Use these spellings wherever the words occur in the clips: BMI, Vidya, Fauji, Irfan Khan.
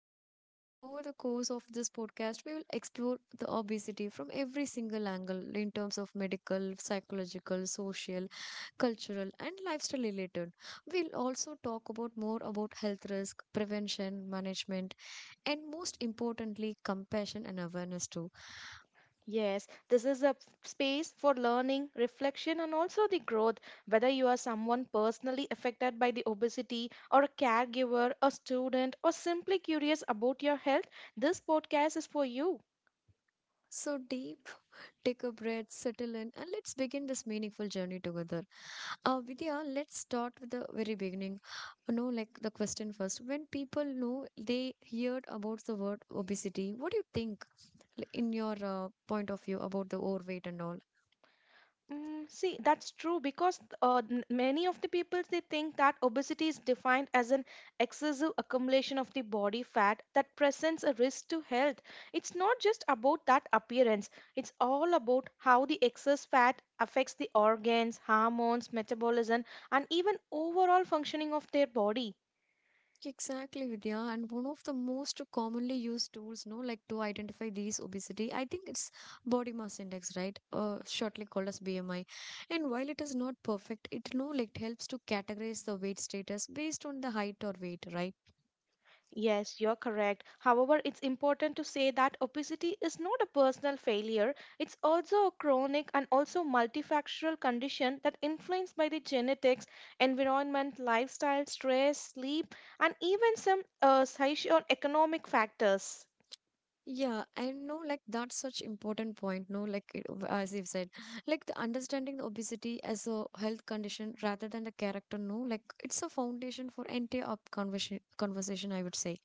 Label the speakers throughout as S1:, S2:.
S1: Vidya. Like over the course of this podcast, we will explore the obesity from every single angle in terms of medical, psychological, social, cultural, and lifestyle related. We'll also talk about more about health risk, prevention, management, and most importantly, compassion and awareness too.
S2: Yes, this is a space for learning, reflection, and also the growth. Whether you are someone personally affected by the obesity, or a caregiver, a student, or simply curious about your health, this podcast is for you.
S1: So deep, take a breath, settle in, and let's begin this meaningful journey together. Vidya, let's start with the very beginning. You know, like the question first. When people know they heard about the word obesity, what do you think in your point of view about the overweight and all?
S2: See, that's true because many of the people they think that obesity is defined as an excessive accumulation of the body fat that presents a risk to health. It's not just about that appearance, it's all about how the excess fat affects the organs, hormones, metabolism, and even overall functioning of their body.
S1: Exactly, Vidya. And one of the most commonly used tools, no, like to identify these obesity, I think it's body mass index, right? Shortly called as BMI. And while it is not perfect, it no, like helps to categorize the weight status based on the height or weight, right?
S2: Yes, you're correct. However, it's important to say that obesity is not a personal failure. It's also a chronic and also multifactorial condition that influenced by the genetics, environment, lifestyle, stress, sleep, and even some socio-economic factors.
S1: Yeah, I know like that's such important point, no, like as you've said, like the understanding the obesity as a health condition rather than the character, no, like it's a foundation for entire up conversation, I would say.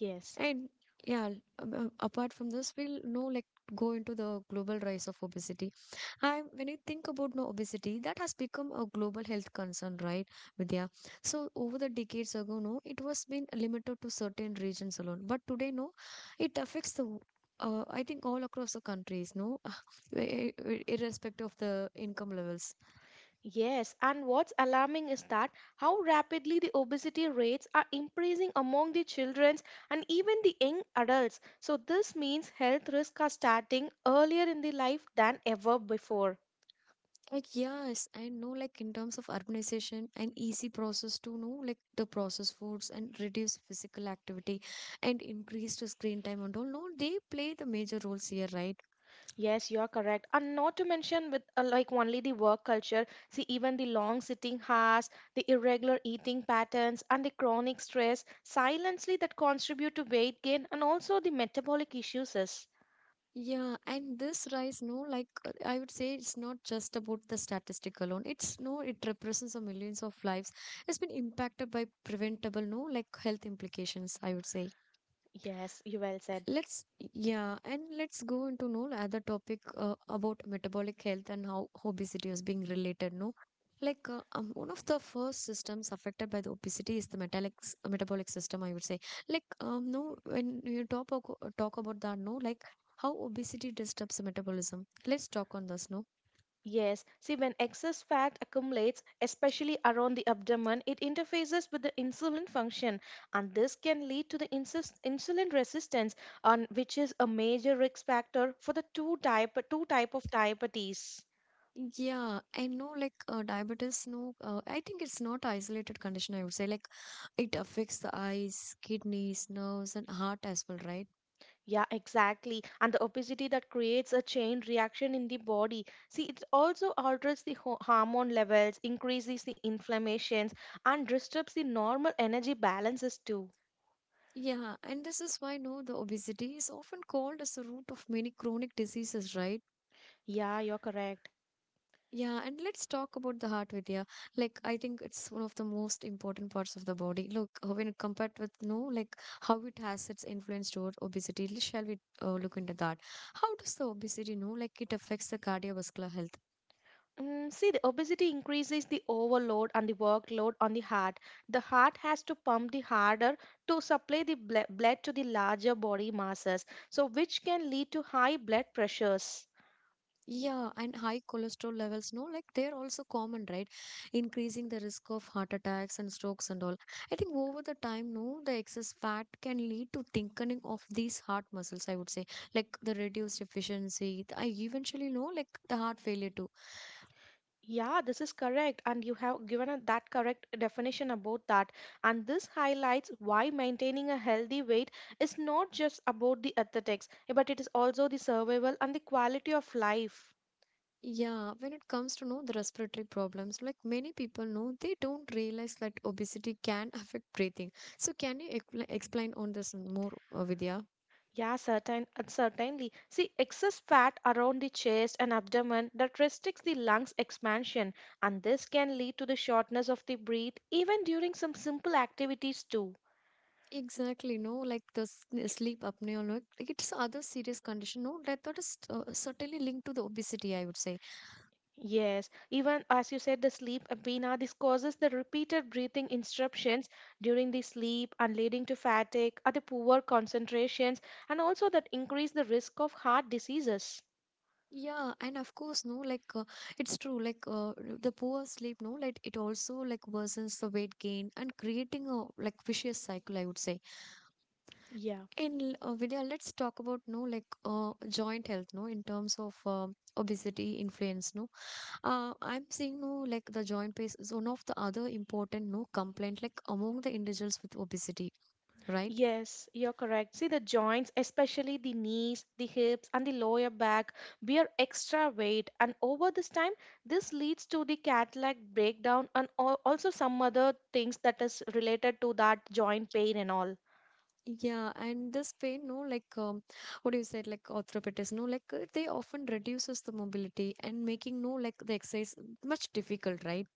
S2: Yes.
S1: And yeah, apart from this, we'll know like go into the global rise of obesity and when you think about no obesity, that has become a global health concern, right, Vidya? So over the decades ago, no, it was been limited to certain regions alone. But today, no, it affects I think all across the countries, no, irrespective of the income levels.
S2: Yes, and what's alarming is that how rapidly the obesity rates are increasing among the children and even the young adults. So, this means health risks are starting earlier in the life than ever before.
S1: Like yes, I know. Like in terms of urbanization an easy process to know, like the processed foods and reduce physical activity and increased screen time and all. No, they play the major roles here, right?
S2: Yes, you're correct. And not to mention with like only the work culture, see even the long sitting hours, the irregular eating patterns and the chronic stress silently that contribute to weight gain and also the metabolic issues is.
S1: Yeah, and this rise, no, like I would say it's not just about the statistic alone. It's no, it represents the millions of lives. It's been impacted by preventable, no, like health implications, I would say.
S2: Yes, you well said.
S1: Let's, yeah, and let's go into no other topic about metabolic health and how obesity is being related. No, like one of the first systems affected by the obesity is the metabolic system. I would say, like, no, when you talk about that, no, like how obesity disturbs the metabolism. Let's talk on this. No,
S2: Yes, see, when excess fat accumulates, especially around the abdomen, it interfaces with the insulin function, and this can lead to the insulin resistance, on which is a major risk factor for the two type of diabetes.
S1: yeah, I know, like diabetes. No, I think it's not isolated condition. I would say, like it affects the eyes, kidneys, nerves, and heart as well, right?
S2: Yeah, exactly. And the obesity that creates a chain reaction in the body. See, it also alters the hormone levels, increases the inflammations, and disturbs the normal energy balances too.
S1: Yeah, and this is why no, the obesity is often called as the root of many chronic diseases, right?
S2: Yeah, you're correct.
S1: Yeah, and let's talk about the heart, Vidya. Like, I think it's one of the most important parts of the body. Look, when it compared with no, like how it has its influence toward obesity, shall we look into that? How does the obesity know, like, it affects the cardiovascular health?
S2: Mm, see, the obesity increases the overload and the workload on the heart. The heart has to pump the harder to supply the blood to the larger body masses, so which can lead to high blood pressures.
S1: Yeah, and high cholesterol levels, no, like they're also common, right? Increasing the risk of heart attacks and strokes and all. I think over the time, no, the excess fat can lead to thickening of these heart muscles, I would say, like the reduced efficiency. I eventually know, like the heart failure too.
S2: Yeah, this is correct, and you have given a, that correct definition about that. And this highlights why maintaining a healthy weight is not just about the athletics, but it is also the survival and the quality of life.
S1: Yeah, when it comes to know the respiratory problems, like many people know, they don't realize that obesity can affect breathing. So, can you like, explain on this more, Vidya?
S2: Certainly. See, excess fat around the chest and abdomen that restricts the lungs expansion, and this can lead to the shortness of the breath even during some simple activities too.
S1: Exactly, no, like the sleep apnea, like it's other serious condition, no, that is certainly linked to the obesity, I would say.
S2: Yes, even as you said, the sleep apnea this causes the repeated breathing interruptions during the sleep and leading to fatigue, other poor concentrations, and also that increase the risk of heart diseases.
S1: Yeah, and of course, no, like it's true, like the poor sleep, no, like it also like worsens the weight gain and creating a like vicious cycle, I would say.
S2: Yeah.
S1: And Vidya, let's talk about no, like joint health, no, in terms of obesity influence, no. I'm seeing no, like the joint pain is one of the other important no complaint, like among the individuals with obesity right?
S2: Yes, you're correct. See, the joints, especially the knees, the hips, and the lower back, bear extra weight. And over this time, this leads to the Cadillac breakdown and also some other things that is related to that joint pain and all.
S1: Yeah, and this pain, no, like what you said, like arthropathies, no, like they often reduces the mobility and making no, like the exercise much difficult, right?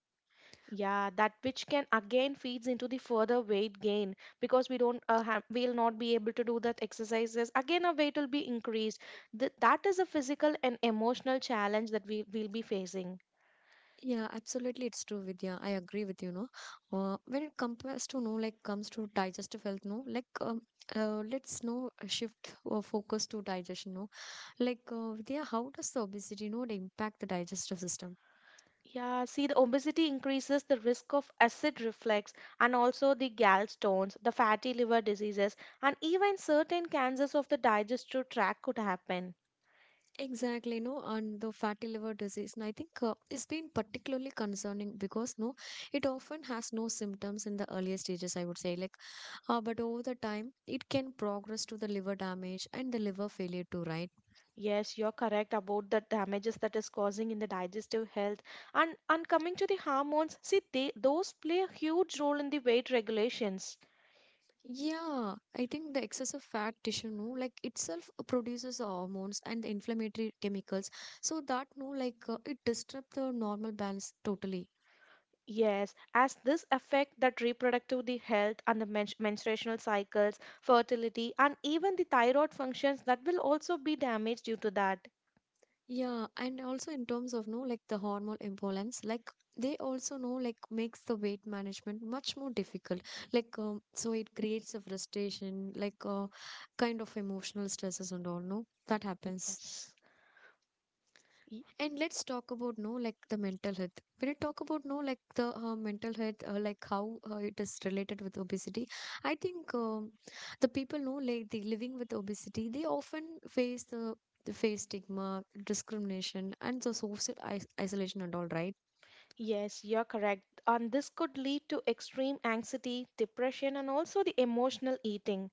S2: Yeah, that which can again feeds into the further weight gain because we don't have, we'll not be able to do that exercises. Again, our weight will be increased. That is a physical and emotional challenge that we will be facing.
S1: Yeah, absolutely, it's true, Vidya. I agree with you, no. When it compares to no, like comes to digestive health, no, like let's no shift our focus to digestion, no. Like Vidya, how does the obesity, no, they impact the digestive system?
S2: Yeah, see, the obesity increases the risk of acid reflux and also the gallstones, the fatty liver diseases, and even certain cancers of the digestive tract could happen.
S1: Exactly, no, and the fatty liver disease, and I think it's been particularly concerning because no, it often has no symptoms in the earlier stages. I would say, like, but over the time, it can progress to the liver damage and the liver failure too, right?
S2: Yes, you're correct about the damages that is causing in the digestive health. And coming to the hormones, see, they those play a huge role in the weight regulations.
S1: Yeah, I think the excessive fat tissue, no, like itself produces the hormones and the inflammatory chemicals, so that no, like it disrupts the normal balance totally.
S2: Yes, as this affect that reproductive the health and the menstruational cycles, fertility, and even the thyroid functions that will also be damaged due to that.
S1: Yeah, and also in terms of no like the hormone imbalance, like they also know like makes the weight management much more difficult. Like so it creates a frustration, like kind of emotional stresses and all. No, that happens.
S2: Yes. Y-
S1: And let's talk about no like the mental health. When I talk about no like the mental health, like how it is related with obesity, I think the people know like the living with obesity, they often face the face stigma, discrimination, and the social isolation and all right.
S2: Yes, you're correct. And this could lead to extreme anxiety, depression, and also the emotional eating.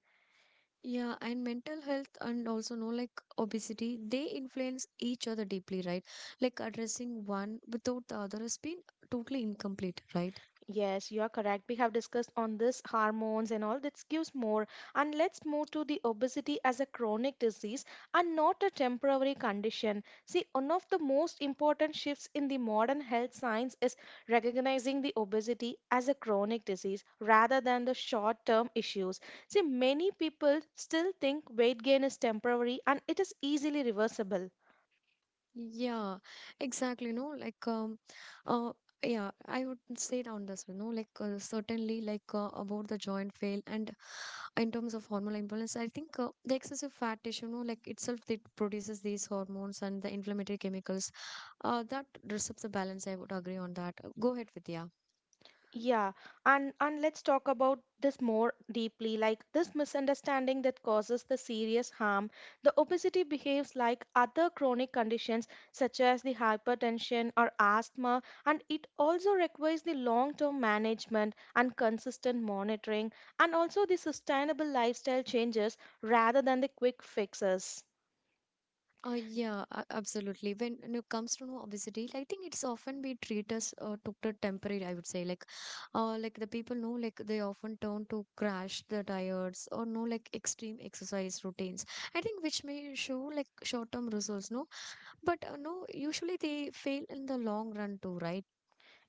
S1: Yeah, and mental health and also no like obesity, they influence each other deeply, right? Like addressing one without the other has been totally incomplete, right?
S2: Yes, you are correct. We have discussed on this hormones and all that gives more. And let's move to the obesity as a chronic disease and not a temporary condition. See, one of the most important shifts in the modern health science is recognizing the obesity as a chronic disease rather than the short-term issues. See, many people still think weight gain is temporary and it is easily reversible.
S1: Yeah, exactly. No, like uh, yeah, I would say down this, you know, like certainly, like about the joint fail and in terms of hormonal imbalance, I think the excessive fat tissue, you know, like itself, it produces these hormones and the inflammatory chemicals. That disrupts the balance. I would agree on that. Go ahead, Vidya.
S2: Yeah, and let's talk about this more deeply, like this misunderstanding that causes the serious harm. The obesity behaves like other chronic conditions such as the hypertension or asthma, and it also requires the long-term management and consistent monitoring, and also the sustainable lifestyle changes rather than the quick fixes.
S1: Yeah, Absolutely. When it comes to no obesity, I think it's often we treat as took the temporary, I would say. Like the people know, like they often turn to crash the diets or no, like extreme exercise routines. I think which may show like short-term results, no, but no, usually they fail in the long run too, right?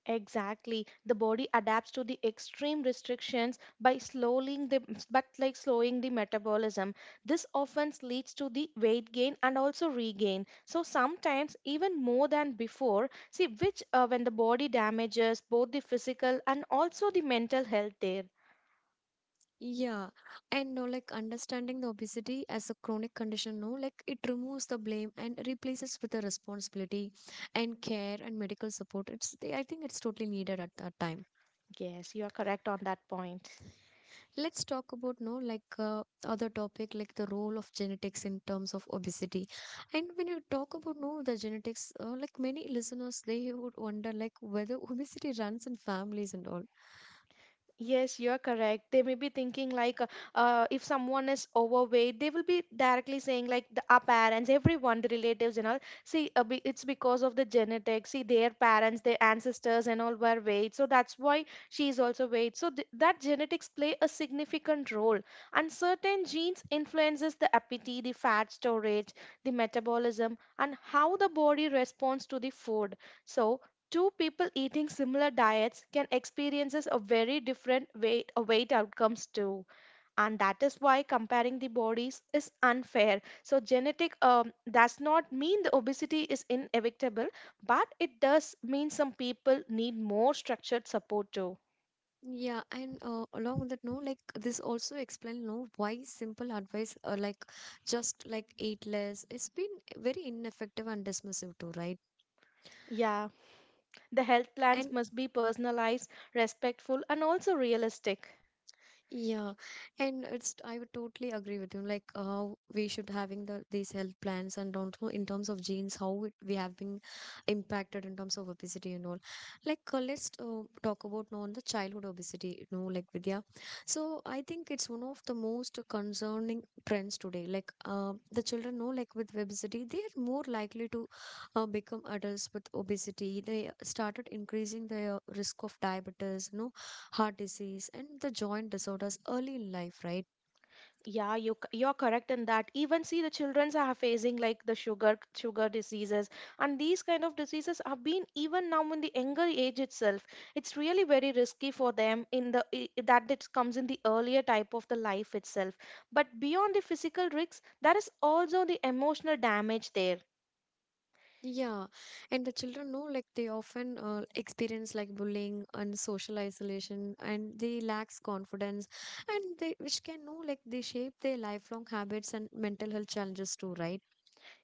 S2: Exactly. The body adapts to the extreme restrictions by slowing the but like slowing the metabolism. This often leads to the weight gain and also regain. So sometimes even more than before. See which when the body damages both the physical and also the mental health there.
S1: Yeah, and no, like understanding the obesity as a chronic condition, no, like it removes the blame and replaces with the responsibility and care and medical support. It's, I think it's totally needed at that time.
S2: Yes, you are correct on that point.
S1: Let's talk about no like other topic like the role of genetics in terms of obesity. And when you talk about no the genetics, like many listeners, they would wonder like whether obesity runs in families and all.
S2: Yes, you are correct. They may be thinking like, if someone is overweight, they will be directly saying like the, our parents, everyone, the relatives and all. See, it's because of the genetics. See, their parents, their ancestors and all were weight, so that's why she is also weight. So th that genetics play a significant role, and certain genes influences the appetite, the fat storage, the metabolism, and how the body responds to the food. So two people eating similar diets can experiences a very different weight outcomes too, and that is why comparing the bodies is unfair. So genetic does not mean the obesity is inevitable, but it does mean some people need more structured support too.
S1: Yeah, and along with that, no, like this also explain, no, why simple advice, like just like eat less, it's been very ineffective and dismissive too, right?
S2: Yeah, the health plans
S1: And
S2: must be personalized, respectful, and also realistic.
S1: yeah, and it's I would totally agree with you. Like how we should having the these health plans and also in terms of genes, how it, we have been impacted in terms of obesity and all. Like let's talk about now on the childhood obesity. You know, like Vidya. So I think it's one of the most concerning trends today. Like the children know, like with obesity, they are more likely to become adults with obesity. They started increasing their risk of diabetes. You know heart disease and the joint disorders early in life right
S2: You're correct in that. Even see the childrens are facing like the sugar diseases, and these kind of diseases have been even now in the younger age itself. It's really very risky for them in the that it comes in the earlier type of the life itself. But beyond the physical risks, there is also the emotional damage there.
S1: yeah and the children know like they often experience like bullying and social isolation and they lacks confidence and they which can know like they shape their lifelong habits and mental health challenges too right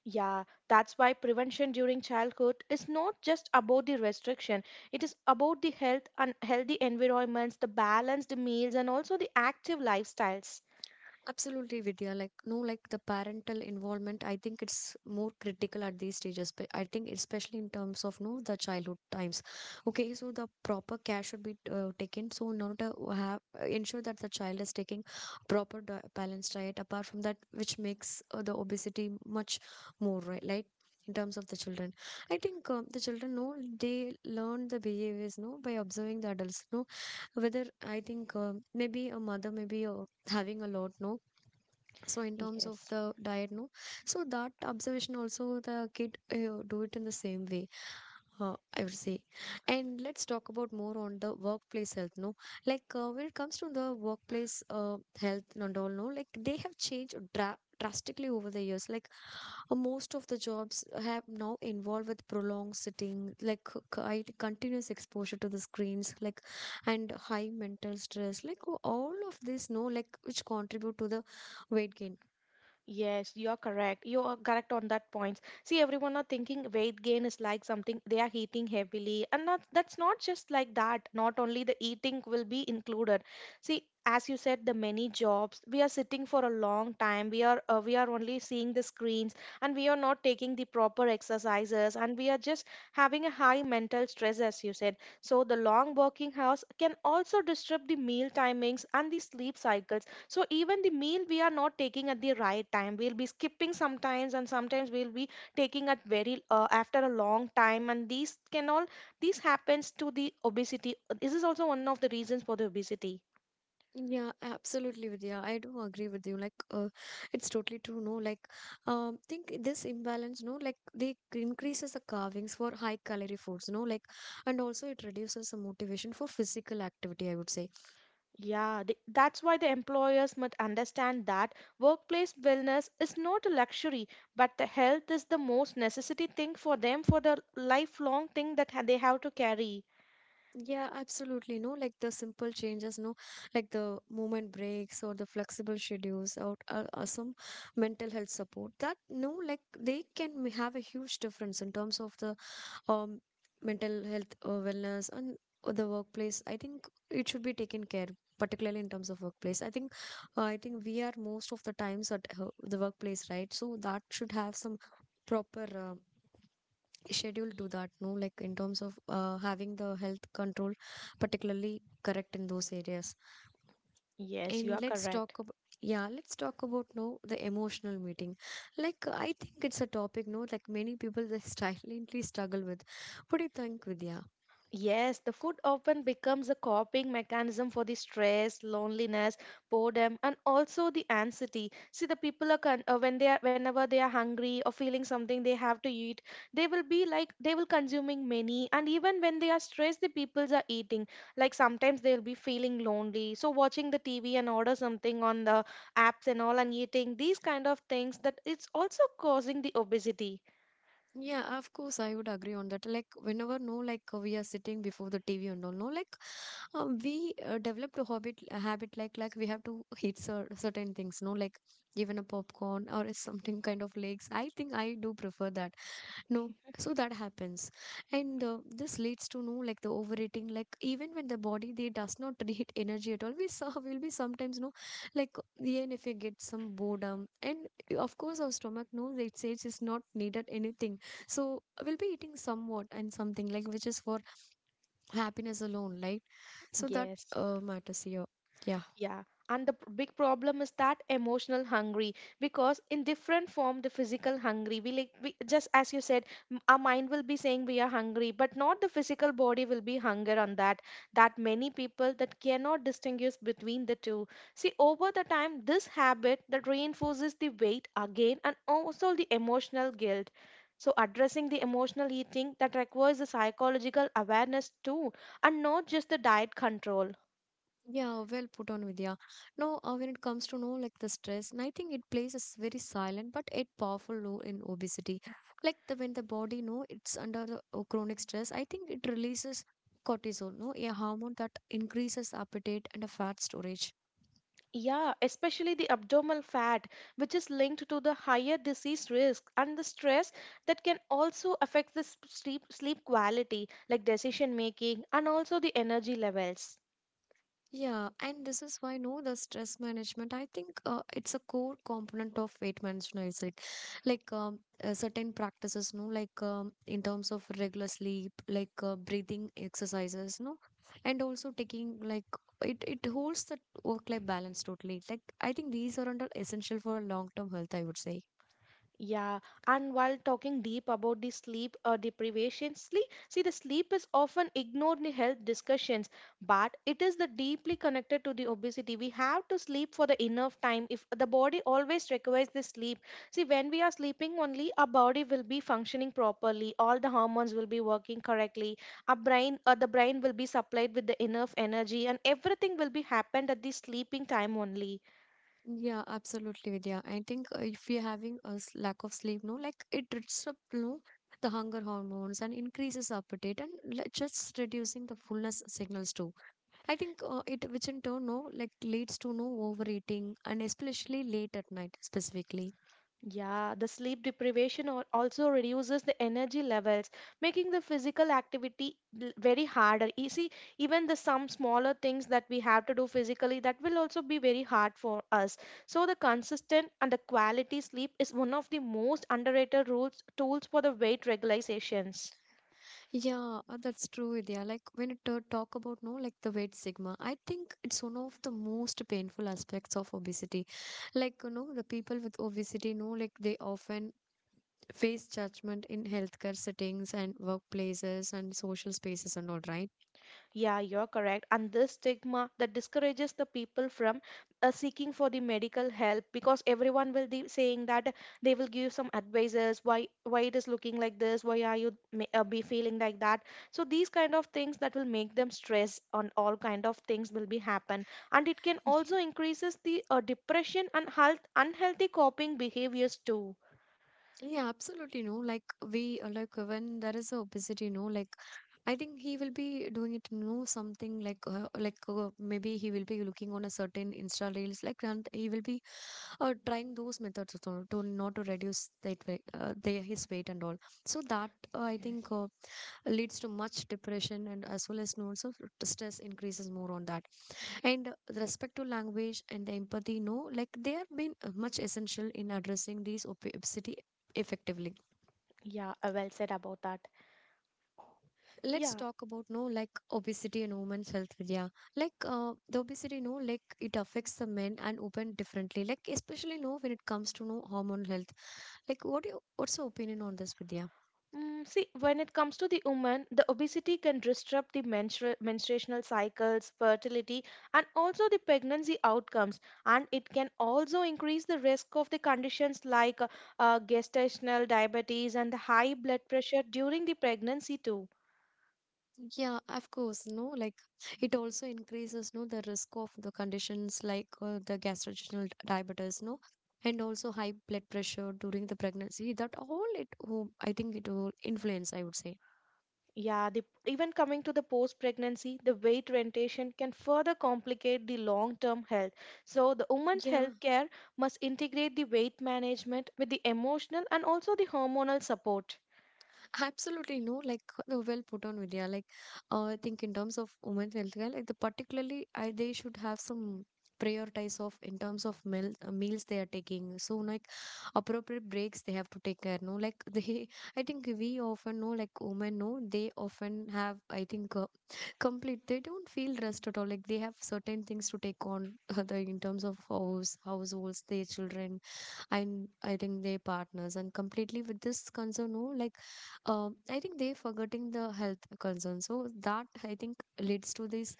S2: Yeah, that's why prevention during childhood is not just about the restriction. It is about the health and healthy environments, the balanced meals, and also the active lifestyles.
S1: Absolutely, Vidya. Like, no, like the parental involvement, I think it's more critical at these stages. But I think, especially in terms of no, the childhood times. Okay, so the proper care should be taken. So, in order to have ensure that the child is taking proper balanced diet. Apart from that, which makes the obesity much more right, like in terms of the children. I think The children know they learn the behaviors no by observing the adults no whether I think maybe a mother maybe having a lot no so in terms of
S2: Yes.
S1: the diet no so that observation also the kid do it in the same way, I would say. And let's talk about more on the workplace health. No, like when it comes to the workplace health and all, no, like they have changed drastically over the years. Like most of the jobs have now involved with prolonged sitting, like continuous exposure to the screens, like and high mental stress, like all of this, no, like which contribute to the weight gain.
S2: Yes, you are correct. You are correct on that point. See, everyone are thinking weight gain is like something they are eating heavily, and not that's not just like that. Not only the eating will be included. See, as you said, the many jobs we are sitting for a long time. We are only seeing the screens, and we are not taking the proper exercises, and we are just having a high mental stress, as you said. So the long working hours can also disrupt the meal timings and the sleep cycles, so even the meal we are not taking at the right time we'll be skipping sometimes and sometimes we'll be taking at very after a long time, and these can all this happens to the obesity. This is also one of the reasons for the obesity.
S1: Yeah, absolutely, Vidya. I do agree with you. Like, it's totally true. No, like, think this imbalance. No, like, they increases the carvings for high calorie foods. No, like, and also it reduces the motivation for physical activity. I would say.
S2: Yeah, that's why the employers must understand that workplace wellness is not a luxury, but the health is the most necessity thing for them for the lifelong thing that they have to carry.
S1: Yeah, absolutely. No, like the simple changes. No, like the movement breaks or the flexible schedules, or some mental health support. That no, like they can have a huge difference in terms of the um, mental health wellness and the workplace. I think it should be taken care, particularly in terms of workplace. I think we are most of the times at the workplace, right? So that should have some proper schedule to that, no, like in terms of having the health control particularly correct in those areas.
S2: Yes, you
S1: And
S2: are correct.
S1: let's talk about, no, the emotional meeting. Like, I think it's a topic, no, like many people they silently struggle with. What do you think, Vidya?
S2: Yes, the food often becomes a coping mechanism for the stress, loneliness, boredom, and also the anxiety. See, the people are when they are whenever they are hungry or feeling something they have to eat, they will be like they will consuming many, and even when they are stressed, the peoples are eating. Like sometimes they'll be feeling lonely, so watching the TV and order something on the apps and all and eating these kind of things that it's also causing the obesity.
S1: Yeah, of course, I would agree on that. Like, whenever no, like we are sitting before the TV and all, no, like we developed a habit, a habit, like we have to eat certain things, no, like even a popcorn or something kind of legs. I think I do prefer that. No, so that happens, and this leads to no like the overeating. Like even when the body they does not need energy at all, we saw will be sometimes no like even if you get some boredom, and of course our stomach knows it says it's not needed anything, so we'll be eating somewhat and something like which is for happiness alone, right? So that
S2: Yes.
S1: matters here. Yeah.
S2: Yeah, and the big problem is that emotional hungry, because in different form the physical hungry just as you said, our mind will be saying we are hungry but not the physical body will be hunger on that, that many people that cannot distinguish between the two. See over the time this habit that reinforces the weight again and also the emotional guilt, so addressing the emotional eating that requires the psychological awareness too, and not just the diet control.
S1: Yeah, well put on, Vidya. No, when it comes to know like the stress, and I think it plays a very silent but a powerful role in obesity. Like the when the body know it's under the chronic stress, I think it releases cortisol, no, a hormone that increases appetite and a fat storage.
S2: Yeah, especially the abdominal fat, which is linked to the higher disease risk and the stress that can also affect the sleep quality, like decision making and also the energy levels.
S1: Yeah, and this is why no, the stress management. I think it's a core component of weight management. It's like certain practices, no, like in terms of regular sleep, like breathing exercises, no, and also taking like it. It holds the work-life balance totally. Like I think these are under essential for long-term health. I would say.
S2: Yeah, and while talking deep about the sleep deprivation, see, the sleep is often ignored in the health discussions, but it is the deeply connected to the obesity. We have to sleep for the enough time. If the body always requires the sleep, see, when we are sleeping only, our body will be functioning properly. All the hormones will be working correctly. Our brain, the brain will be supplied with the enough energy, and everything will be happened at the sleeping time only.
S1: Yeah, absolutely, Vidya. I think if we are having a lack of sleep, no, like it disrupts, no, the hunger hormones and increases appetite and just reducing the fullness signals too. I think which in turn, no, like leads to no overeating and especially late at night specifically.
S2: Yeah, the sleep deprivation also reduces the energy levels, making the physical activity very harder. You see, even the some smaller things that we have to do physically, that will also be very hard for us. So the consistent and the quality sleep is one of the most underrated rules tools for the weight regulations.
S1: Yeah, that's true, Vidya. Like when it talk about, no, like the weight sigma, I think it's one of the most painful aspects of obesity. Like, you know, the people with obesity know, like they often face judgment in healthcare settings and workplaces and social spaces and all, right?
S2: Yeah, you're correct. And this stigma that discourages the people from seeking for the medical help because everyone will be saying that they will give some advices why it is looking like this, why are you be feeling like that. So these kind of things that will make them stress on all kind of things will be happen, and it can also increases the depression and health unhealthy coping behaviors too.
S1: Yeah, absolutely. No, like we like when there is a obesity, no, like I think he will be doing it, no, something like maybe he will be looking on a certain Insta reels, like, and he will be trying those methods to not to reduce that weight, their his weight and all. So that I
S2: Yes.
S1: think leads to much depression and as well as no, also stress increases more on that. And with respect to language and empathy, no, like they have been much essential in addressing these obesity effectively.
S2: Yeah, well said about that.
S1: Let's
S2: Yeah.
S1: talk about no like obesity and women's health, Vidya. Like the obesity, no like it affects the men and women differently. Like especially no when it comes to no hormone health. Like what's your opinion on this, Vidya?
S2: Mm, see, when it comes to the woman, the obesity can disrupt the menstruational cycles, fertility, and also the pregnancy outcomes. And it can also increase the risk of the conditions like gestational diabetes and the high blood pressure during the pregnancy too.
S1: Yeah, of course. No, like it also increases no the risk of the conditions like the gastrointestinal diabetes, no, and also high blood pressure during the pregnancy. That all it, oh, I think it will influence. I would say.
S2: Yeah, the, even coming to the post-pregnancy, the weight retention can further complicate the long-term health. So the woman's
S1: Yeah.
S2: health care must integrate the weight management with the emotional and also the hormonal support.
S1: Absolutely no, like well put on, Vidya. Like I think in terms of women's healthcare, like the particularly I, they should have some prioritize of in terms of meals they are taking. So like appropriate breaks they have to take care. No, like they I think we often know like women know they often have I think complete they don't feel rest at all. Like they have certain things to take on in terms of house households, their children and I think their partners and completely with this concern, no, like I think they forgetting the health concern. So that I think leads to this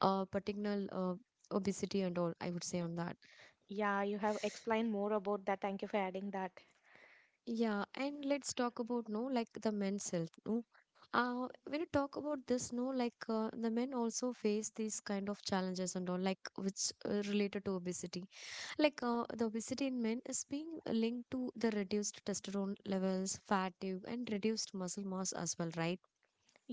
S1: particular obesity and all. I would say on that.
S2: Yeah, you have explained more about that. Thank you for adding that.
S1: Yeah, and let's talk about no, like the men's health. No, when you talk about this, no, like the men also face these kind of challenges and all, like which related to obesity. Like the obesity in men is being linked to the reduced testosterone levels, fatigue, and reduced muscle mass as well, right?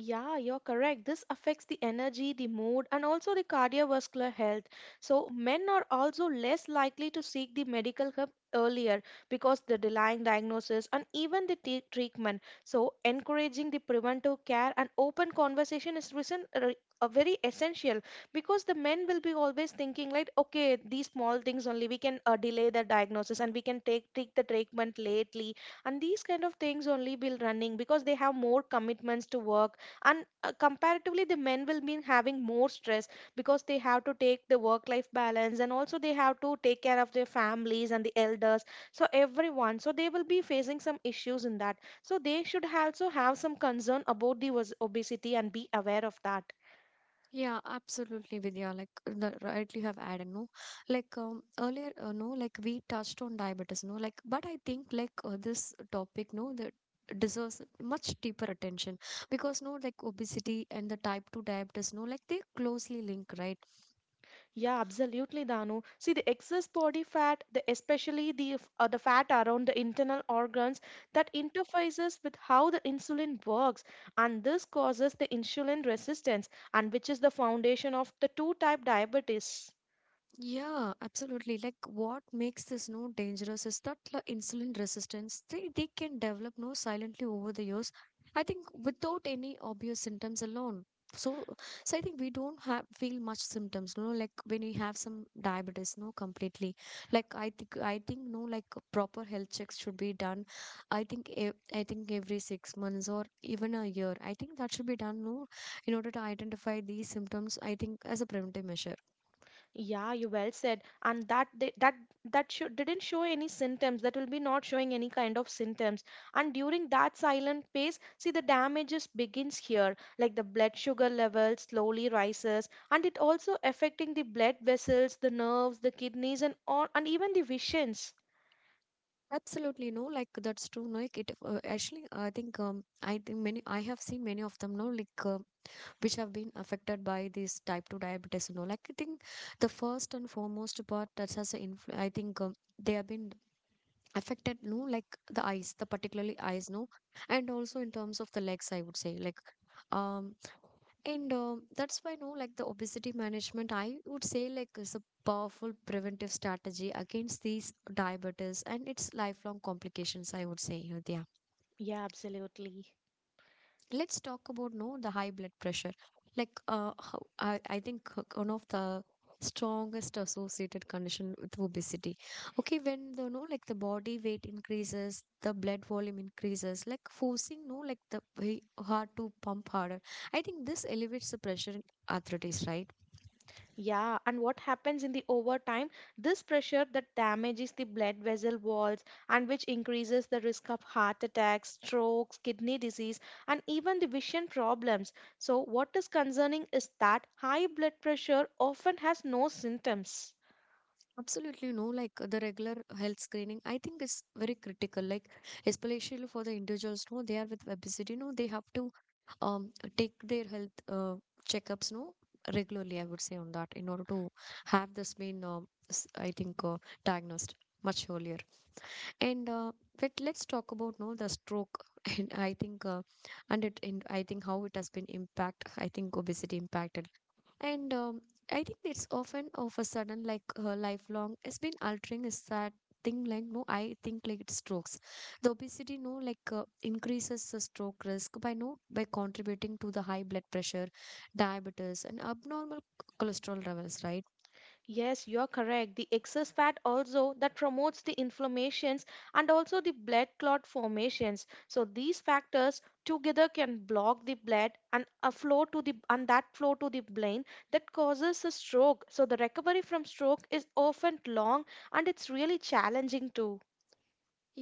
S2: Yeah, you're correct. This affects the energy, the mood, and also the cardiovascular health. So, men are also less likely to seek the medical help earlier because the delaying diagnosis and even the treatment. So, encouraging the preventive care and open conversation is very essential because the men will be always thinking like okay these small things only we can delay the diagnosis and we can take the treatment lately, and these kind of things only will running because they have more commitments to work, and comparatively the men will be having more stress because they have to take the work life balance and also they have to take care of their families and the elders, so everyone so they will be facing some issues in that, so they should also have some concern about the obesity and be aware of that.
S1: Yeah, absolutely, Vidya. Like the right you have added, no? Like earlier, no, like we touched on diabetes, no? Like, but I think like this topic, no, that deserves much deeper attention because no like obesity and the type 2 diabetes no like they closely link, right?
S2: Yeah, absolutely, Danu. See, the excess body fat, the especially the the fat around the internal organs, that interfaces with how the insulin works, and this causes the insulin resistance, and which is the foundation of the two type diabetes.
S1: Yeah, absolutely. Like what makes this no dangerous is that the insulin resistance they can develop no silently over the years. I think without any obvious symptoms alone. So, so I think we don't have feel much symptoms, no, like when we have some diabetes, no, completely. Like I think no, like proper health checks should be done. I think I think every 6 months or even a year. I think that should be done, no, in order to identify these symptoms. I think as a preventive measure.
S2: Yeah, you well said, and that they, that that show, didn't show any symptoms. That will be not showing any kind of symptoms. And during that silent phase, see the damages begins here, like the blood sugar level slowly rises, and it also affecting the blood vessels, the nerves, the kidneys, and all, and even the visions.
S1: Absolutely no, like that's true. No, like it actually, I think many I have seen many of them. No, like which have been affected by this type 2 diabetes. No, like I think the first and foremost part that has an I think they have been affected. No, like the eyes, the particularly eyes. No, and also in terms of the legs, I would say like. Um, And that's why, no, like the obesity management, I would say, like, is a powerful preventive strategy against these diabetes and its lifelong complications, I would say, Vidya.
S2: Yeah, absolutely.
S1: Let's talk about, no, the high blood pressure. Like, how, I think one of the strongest associated condition with obesity. Okay, when the, no, like the body weight increases, the blood volume increases, like forcing, no, like the heart to pump harder. I think this elevates the pressure in arthritis, right?
S2: Yeah, and what happens in the overtime? This pressure that damages the blood vessel walls and which increases the risk of heart attacks, strokes, kidney disease, and even the vision problems. So, what is concerning is that high blood pressure often has no symptoms.
S1: Absolutely no, like the regular health screening, I think is very critical. Like especially for the individuals, no, they are with obesity, no, they have to um take their health checkups, no, regularly. I would say on that in order to have this been, I think, diagnosed much earlier. And but let's talk about no the stroke, and I think, and I think how it has been impact. I think obesity impacted. And I think it's often of a sudden, like her lifelong has been altering is that thing like no I think like it strokes. The obesity no like increases the stroke risk by no by contributing to the high blood pressure, diabetes and abnormal cholesterol levels, right?
S2: Yes, you're correct. The excess fat also that promotes the inflammations and also the blood clot formations. So these factors together can block the blood and a flow to the and that flow to the brain that causes a stroke. So the recovery from stroke is often long and it's really challenging too.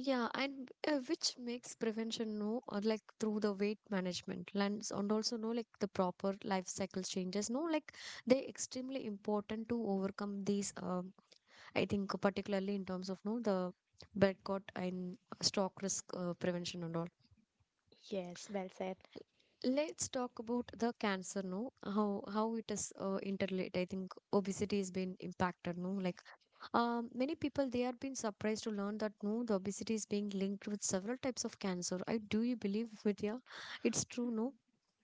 S1: Yeah and which makes prevention no or like through the weight management lens and also no like the proper life cycle changes no like they're extremely important to overcome these I think particularly in terms of no the boycott and stock risk prevention and all.
S2: Yes, well said.
S1: Let's talk about the cancer. No, how it is interrelated. I think obesity has been impacted. No, like many people they are been surprised to learn that no the obesity is being linked with several types of cancer. I do you believe, Vidya? It's true. No.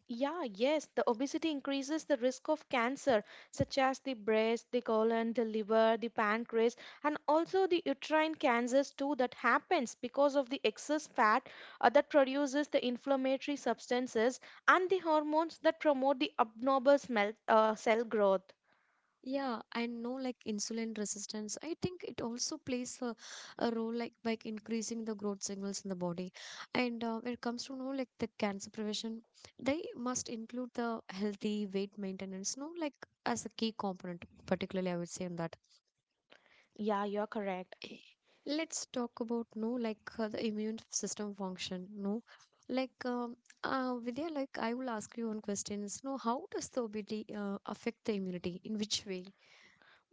S2: Yeah, yes, the obesity increases the risk of cancer, such as the breast, the colon, the liver, the pancreas, and also the uterine cancers too that happens because of the excess fat that produces the inflammatory substances and the hormones that promote the abnormal cell growth.
S1: Yeah, I know, like insulin resistance. I think it also plays a role like by increasing the growth signals in the body. And when it comes to know like the cancer prevention, they must include the healthy weight maintenance, no like as a key component, particularly I would say on that.
S2: Yeah, you're correct.
S1: Let's talk about no like the immune system function, no like Vidya, like I will ask you one question. No, how does the obesity affect the immunity? In which way?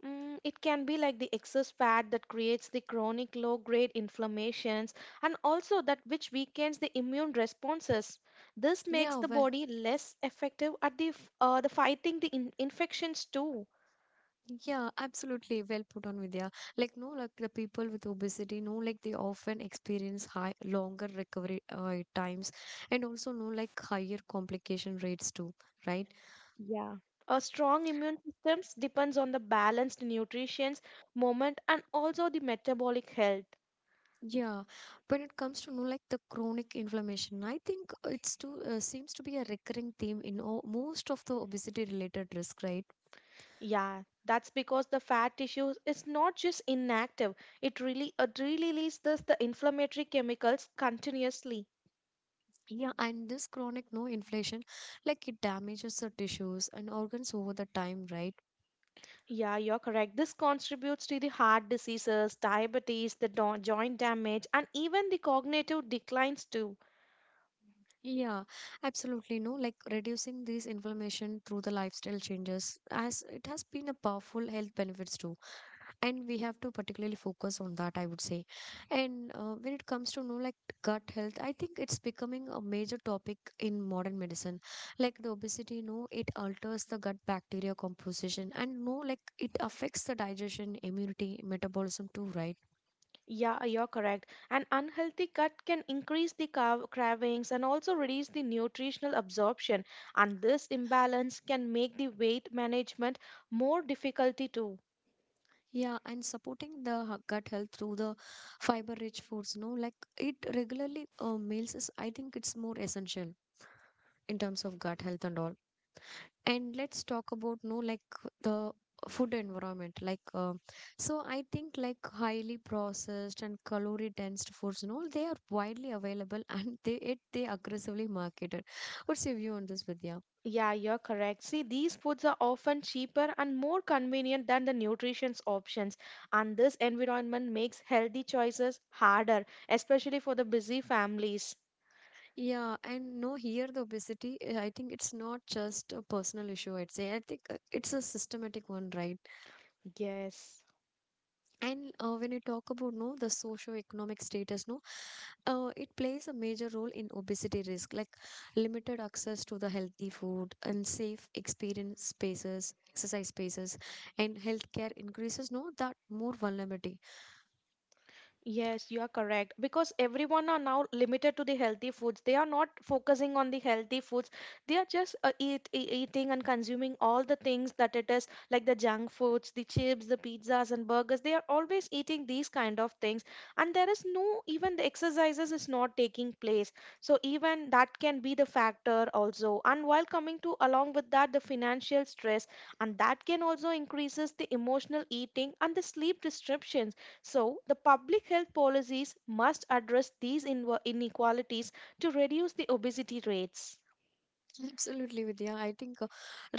S2: Mm, it can be like the excess fat that creates the chronic low grade inflammations and also that which weakens the immune responses. This makes
S1: Yeah.
S2: the body less effective at the fighting the infections too.
S1: Yeah, absolutely. Well put on, Vidya. Like, no, like the people with obesity, no, like they often experience high, longer recovery times, and also no, like higher complication rates too, right?
S2: Yeah. A strong immune systems depends on the balanced nutrition, movement and also the metabolic health.
S1: Yeah. When it comes to no, like the chronic inflammation, I think it's too, seems to be a recurring theme in all, most of the obesity related risk, right?
S2: Yeah, that's because the fat tissue is not just inactive. It really releases the inflammatory chemicals continuously.
S1: Yeah, and this chronic no inflation, like it damages the tissues and organs over the time, right?
S2: Yeah, you're correct. This contributes to the heart diseases, diabetes, the joint damage, and even the cognitive declines too.
S1: Yeah, absolutely. No, like reducing these inflammation through the lifestyle changes, as it has been a powerful health benefits too. And we have to particularly focus on that, I would say. And when it comes to, no, like gut health, I think it's becoming a major topic in modern medicine. Like the obesity, no, it alters the gut bacteria composition, and no, like it affects the digestion, immunity, metabolism too, right?
S2: Yeah, you're correct. An unhealthy gut can increase the cravings and also reduce the nutritional absorption, and this imbalance can make the weight management more difficult too.
S1: Yeah, and supporting the gut health through the fiber-rich foods, no, like it regularly meals is, I think it's more essential in terms of gut health and all. And let's talk about no, like the food environment, like so I think like highly processed and calorie-dense foods, no, they are widely available and they aggressively marketed. What's your view on this, Vidya?
S2: Yeah, you're correct. See, these foods are often cheaper and more convenient than the nutrition's options, and this environment makes healthy choices harder, especially for the busy families.
S1: Yeah, and no, here the obesity, I think it's not just a personal issue, I'd say. I think it's a systematic one, right?
S2: Yes.
S1: And when you talk about no, the socio-economic status, no, it plays a major role in obesity risk, like limited access to the healthy food and safe experience spaces, exercise spaces, and healthcare increases, no, that more vulnerability.
S2: Yes, you are correct. Because everyone are now limited to the healthy foods. They are not focusing on the healthy foods. They are just eating and consuming all the things that it is like the junk foods, the chips, the pizzas and burgers. They are always eating these kind of things. And there is no, even the exercises is not taking place. So even that can be the factor also. And while coming to along with that, the financial stress and that can also increases the emotional eating and the sleep disruptions, so, the public health policies must address these inequalities to reduce the obesity rates.
S1: Absolutely, Vidya. I think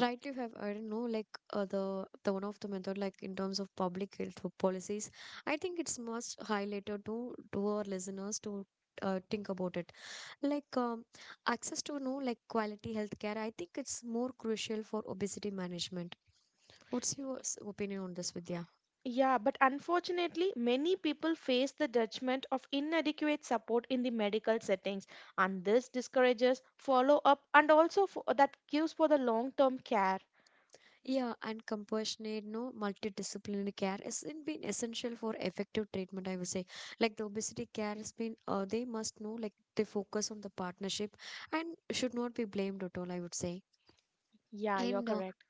S1: rightly have I don't know like the one of the method like in terms of public health policies. I think it's must highlighted to our listeners to think about it. Like access to know like quality healthcare. I think it's more crucial for obesity management. What's your opinion on this, Vidya?
S2: Yeah, but unfortunately, many people face the judgment of inadequate support in the medical settings, and this discourages follow up and also for, that gives for the long term care.
S1: Yeah, and compassionate, no multidisciplinary care has been essential for effective treatment, I would say. Like the obesity care has been, they must know, like they focus on the partnership and should not be blamed at all, I would say.
S2: Yeah, you're
S1: And
S2: correct.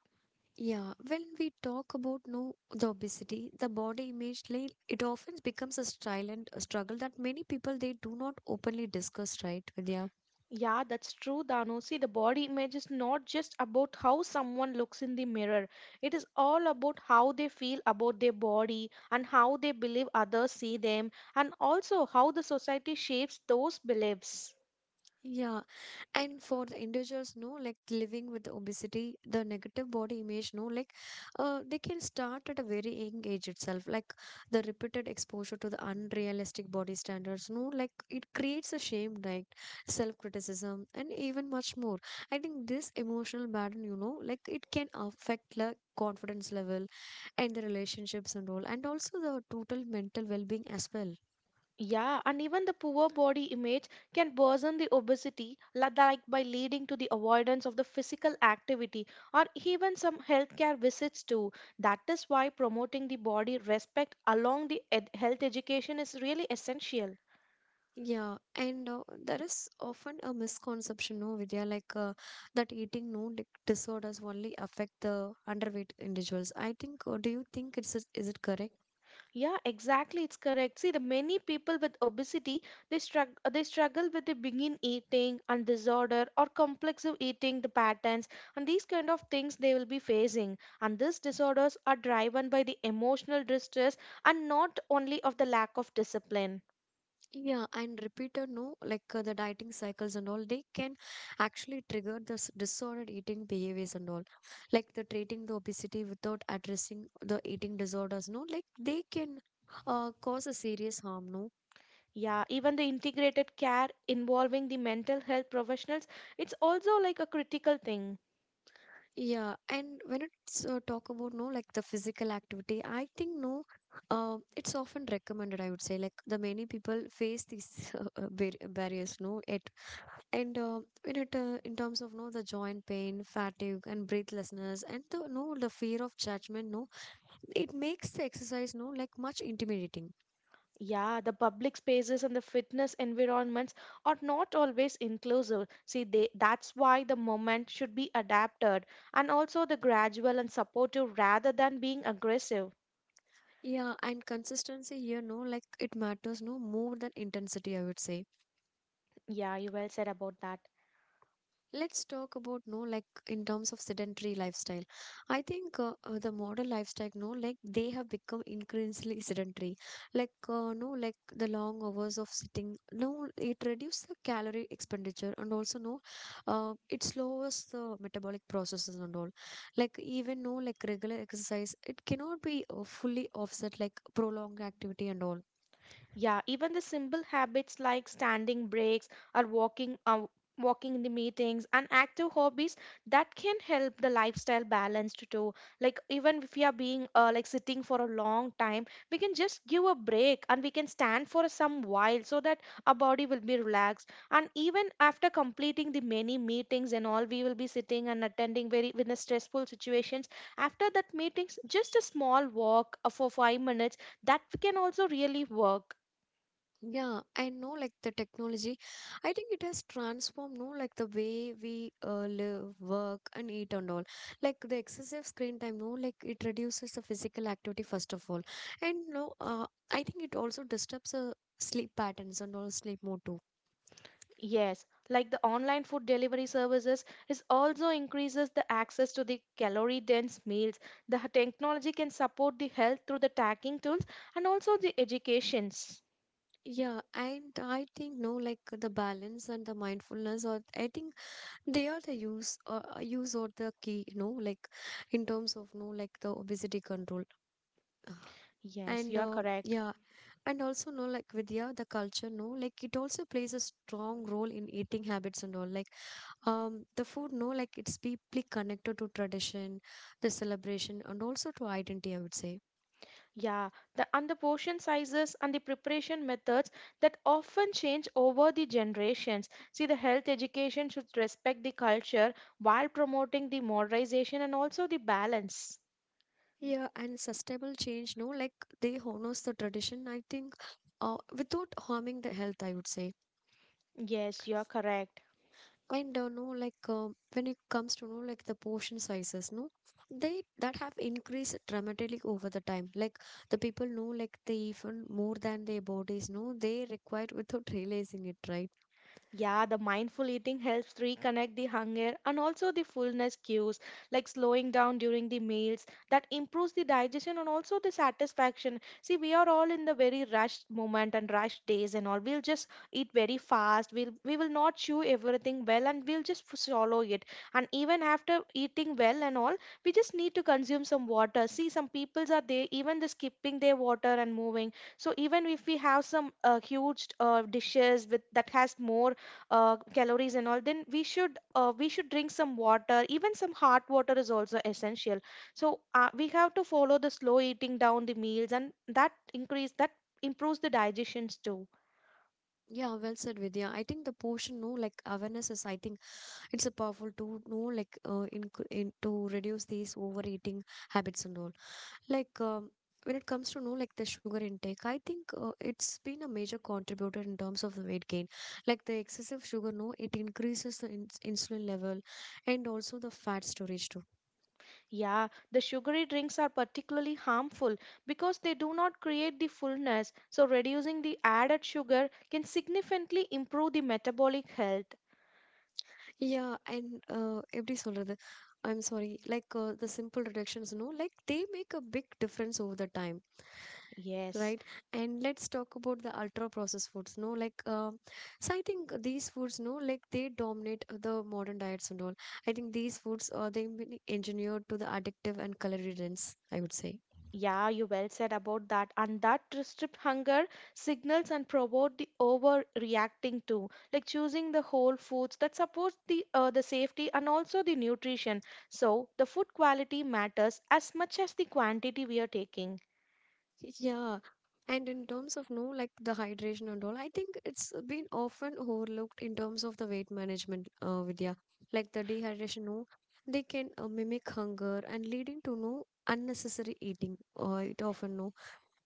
S1: yeah, when we talk about no the obesity, the body image, like, it often becomes a silent struggle that many people they do not openly discuss, right, Vidya?
S2: Yeah, that's true, Danu. See, the body image is not just about how someone looks in the mirror. It is all about how they feel about their body and how they believe others see them, and also how the society shapes those beliefs.
S1: Yeah, and for the individuals, no, like living with obesity, the negative body image, no, like they can start at a very young age itself. Like the repeated exposure to the unrealistic body standards, no, like it creates a shame, like self-criticism, and even much more. I think this emotional burden, you know, like it can affect like confidence level and the relationships and all, and also the total mental well-being as well.
S2: Yeah, and even the poor body image can worsen the obesity, like by leading to the avoidance of the physical activity or even some healthcare visits too. That is why promoting the body respect along the health education is really essential.
S1: Yeah, and there is often a misconception, no, Vidya, like that eating no disorders only affect the underweight individuals. I think, do you think it's is it correct?
S2: Yeah, exactly. It's correct. See, the many people with obesity, they struggle with the begin eating and disorder or complex of eating the patterns, and these kind of things they will be facing. And these disorders are driven by the emotional distress and not only of the lack of discipline.
S1: Yeah, and repeated no, like the dieting cycles and all, they can actually trigger this disordered eating behaviors and all. Like the treating the obesity without addressing the eating disorders, no, like they can cause a serious harm, no.
S2: Yeah, even the integrated care involving the mental health professionals, it's also like a critical thing.
S1: Yeah, and when it's talk about no like the physical activity, I think no, it's often recommended. I would say like the many people face these barriers. No, it and in it in terms of no the joint pain, fatigue, and breathlessness, and the no the fear of judgment. No, it makes the exercise no like much intimidating.
S2: Yeah, the public spaces and the fitness environments are not always inclusive. See, they, that's why the moment should be adapted and also the gradual and supportive rather than being aggressive.
S1: Yeah, and consistency here no like it matters no more than intensity, I would say.
S2: Yeah, you well said about that.
S1: Let's talk about no like in terms of sedentary lifestyle. I think the modern lifestyle no like they have become increasingly sedentary. Like no like the long hours of sitting no it reduces the calorie expenditure, and also no it slows the metabolic processes and all. Like even no like regular exercise it cannot be fully offset like prolonged activity and all.
S2: Yeah, even the simple habits like standing breaks or walking in the meetings and active hobbies that can help the lifestyle balanced too. Like even if we are being like sitting for a long time, we can just give a break and we can stand for some while so that our body will be relaxed. And even after completing the many meetings and all, we will be sitting and attending very with the stressful situations. After that meetings, just a small walk for 5 minutes that can also really work.
S1: Yeah, I know like the technology, I think it has transformed, no, like the way we live, work, and eat and all. Like the excessive screen time, no, like it reduces the physical activity first of all, and no, I think it also disturbs the sleep patterns and all sleep mode too.
S2: Yes, like the online food delivery services is also increases the access to the calorie dense meals. The technology can support the health through the tagging tools and also the educations.
S1: Yeah, and I think no, like the balance and the mindfulness, or I think they are the use, use or the key, no, like in terms of no, like the obesity control.
S2: Yes,
S1: And
S2: you are correct.
S1: yeah, and also no like Vidya, the culture no like it also plays a strong role in eating habits and all. Like the food no like it's deeply connected to tradition, the celebration, and also to identity, I would say.
S2: Yeah, the and the portion sizes and the preparation methods that often change over the generations. See, the health education should respect the culture while promoting the modernization and also the balance.
S1: Yeah, and sustainable change no like they honors the tradition, I think without harming the health, I would say.
S2: Yes, you are correct.
S1: And no, like when it comes to know like the portion sizes, no, they that have increased dramatically over the time. Like the people know, like they even more than their bodies, no, they require without realizing it, right?
S2: Yeah, the mindful eating helps reconnect the hunger and also the fullness cues, like slowing down during the meals. That improves the digestion and also the satisfaction. See, we are all in the very rushed moment and rushed days and all. We'll just eat very fast. We will not chew everything well and we'll just swallow it. And even after eating well and all, we just need to consume some water. See, some peoples are there even the skipping their water and moving. So even if we have some huge dishes with that has more calories and all, then we should drink some water. Even some hot water is also essential, so we have to follow the slow eating down the meals, and that increase that improves the digestions too.
S1: Yeah, well said, Vidya. I think the portion, no, like awareness is, I think it's a powerful tool, no, like in to reduce these overeating habits and all. Like when it comes to know like the sugar intake, I think it's been a major contributor in terms of the weight gain. Like the excessive sugar, no, it increases the insulin level and also the fat storage too.
S2: Yeah, the sugary drinks are particularly harmful because they do not create the fullness, so reducing the added sugar can significantly improve the metabolic health.
S1: Yeah, and every soldier, I'm sorry, like the simple reductions, no, like they make a big difference over the time.
S2: Yes.
S1: Right. And let's talk about the ultra processed foods no like so I think these foods no like they dominate the modern diets and all. I think these foods are they been engineered to the addictive and calorie dense, I would say.
S2: Yeah, you well said about that. And that restrict hunger signals and promote the overreacting too, like choosing the whole foods that supports the safety and also the nutrition. So the food quality matters as much as the quantity we are taking.
S1: Yeah, and in terms of no like the hydration and all, I think it's been often overlooked in terms of the weight management, Vidya. Like the dehydration no they can mimic hunger and leading to no unnecessary eating, it often no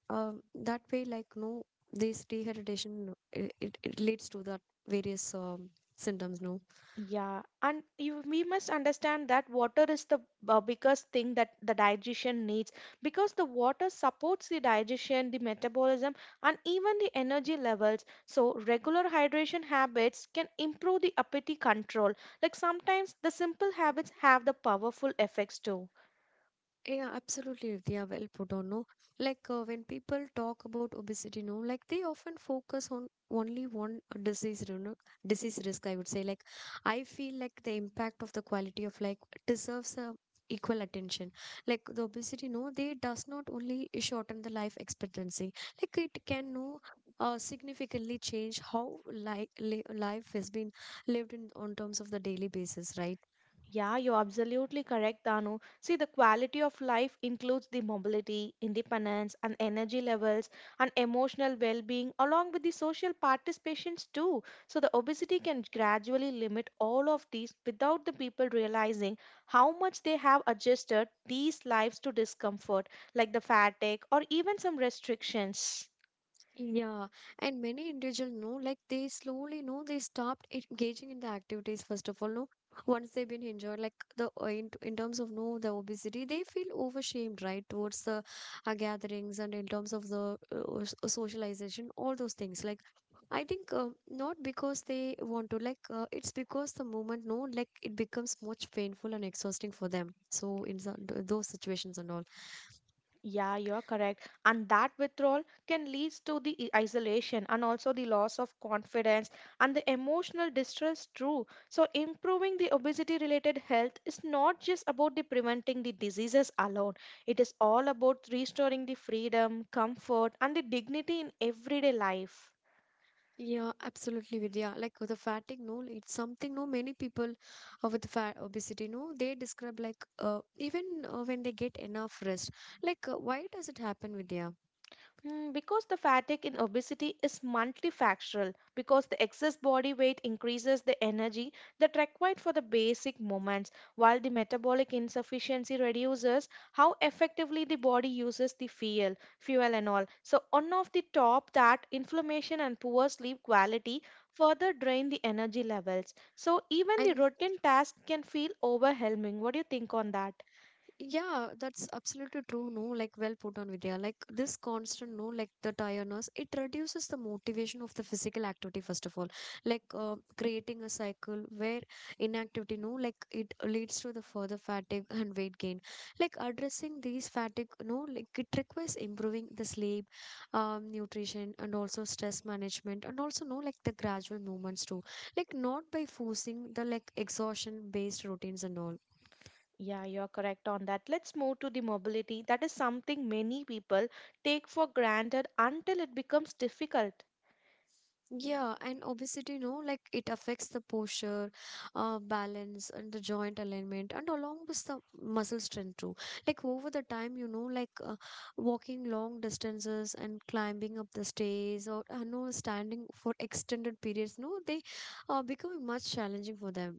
S1: that way like no this dehydration it leads to that various symptoms no.
S2: Yeah, and you we must understand that water is the biggest thing that the digestion needs, because the water supports the digestion, the metabolism, and even the energy levels. So regular hydration habits can improve the appetite control. Like sometimes the simple habits have the powerful effects too.
S1: Yeah, absolutely, Vidya. Well put on. No, like when people talk about obesity, no, like they often focus on only one disease, you know, disease risk. I would say, like, I feel like the impact of the quality of life deserves a equal attention. Like the obesity, no, they does not only shorten the life expectancy. Like it can no, significantly change how li li life has been lived in on terms of the daily basis, right?
S2: Yeah, you're absolutely correct, Danu. See, the quality of life includes the mobility, independence, and energy levels, and emotional well being, along with the social participations, too. So, the obesity can gradually limit all of these without the people realizing how much they have adjusted these lives to discomfort, like the fatigue or even some restrictions.
S1: Yeah, and many individuals know, like they slowly know they stopped engaging in the activities first of all. No, once they've been injured, like the in terms of no the obesity, they feel overshamed, right, towards the gatherings and in terms of the socialization, all those things. Like I think not because they want to, like, it's because the moment, no, like, it becomes much painful and exhausting for them. So, in some, those situations and all.
S2: Yeah, you're correct. And that withdrawal can lead to the isolation and also the loss of confidence and the emotional distress too. So improving the obesity related health is not just about the preventing the diseases alone. It is all about restoring the freedom, comfort and the dignity in everyday life.
S1: Yeah, absolutely, Vidya. Like with the fatigue, no, it's something, no, many people with fat obesity, no, they describe like even when they get enough rest. Like, why does it happen, Vidya?
S2: Mm, because the fatigue in obesity is multifactorial, because the excess body weight increases the energy that required for the basic movements, while the metabolic insufficiency reduces how effectively the body uses the fuel and all. So on of the top that inflammation and poor sleep quality further drain the energy levels. So even the
S1: And
S2: routine tasks can feel overwhelming. What do you think on that?
S1: yeah, that's absolutely true. No, like well put on Vidya. Like this constant, no, like the tiredness, it reduces the motivation of the physical activity, first of all. Like creating a cycle where inactivity, no, like it leads to the further fatigue and weight gain. Like addressing these fatigue, no, like it requires improving the sleep, nutrition, and also stress management, and also, no, like the gradual movements too. Like not by forcing the like exhaustion based routines and all.
S2: Yeah, you're correct on that. Let's move to the mobility. That is something many people take for granted until it becomes difficult.
S1: Yeah, and obesity, no, like it affects the posture, balance, and the joint alignment, and along with the muscle strength too. Like over the time, you know, like walking long distances and climbing up the stairs, or no standing for extended periods, no, they are becoming much challenging for them.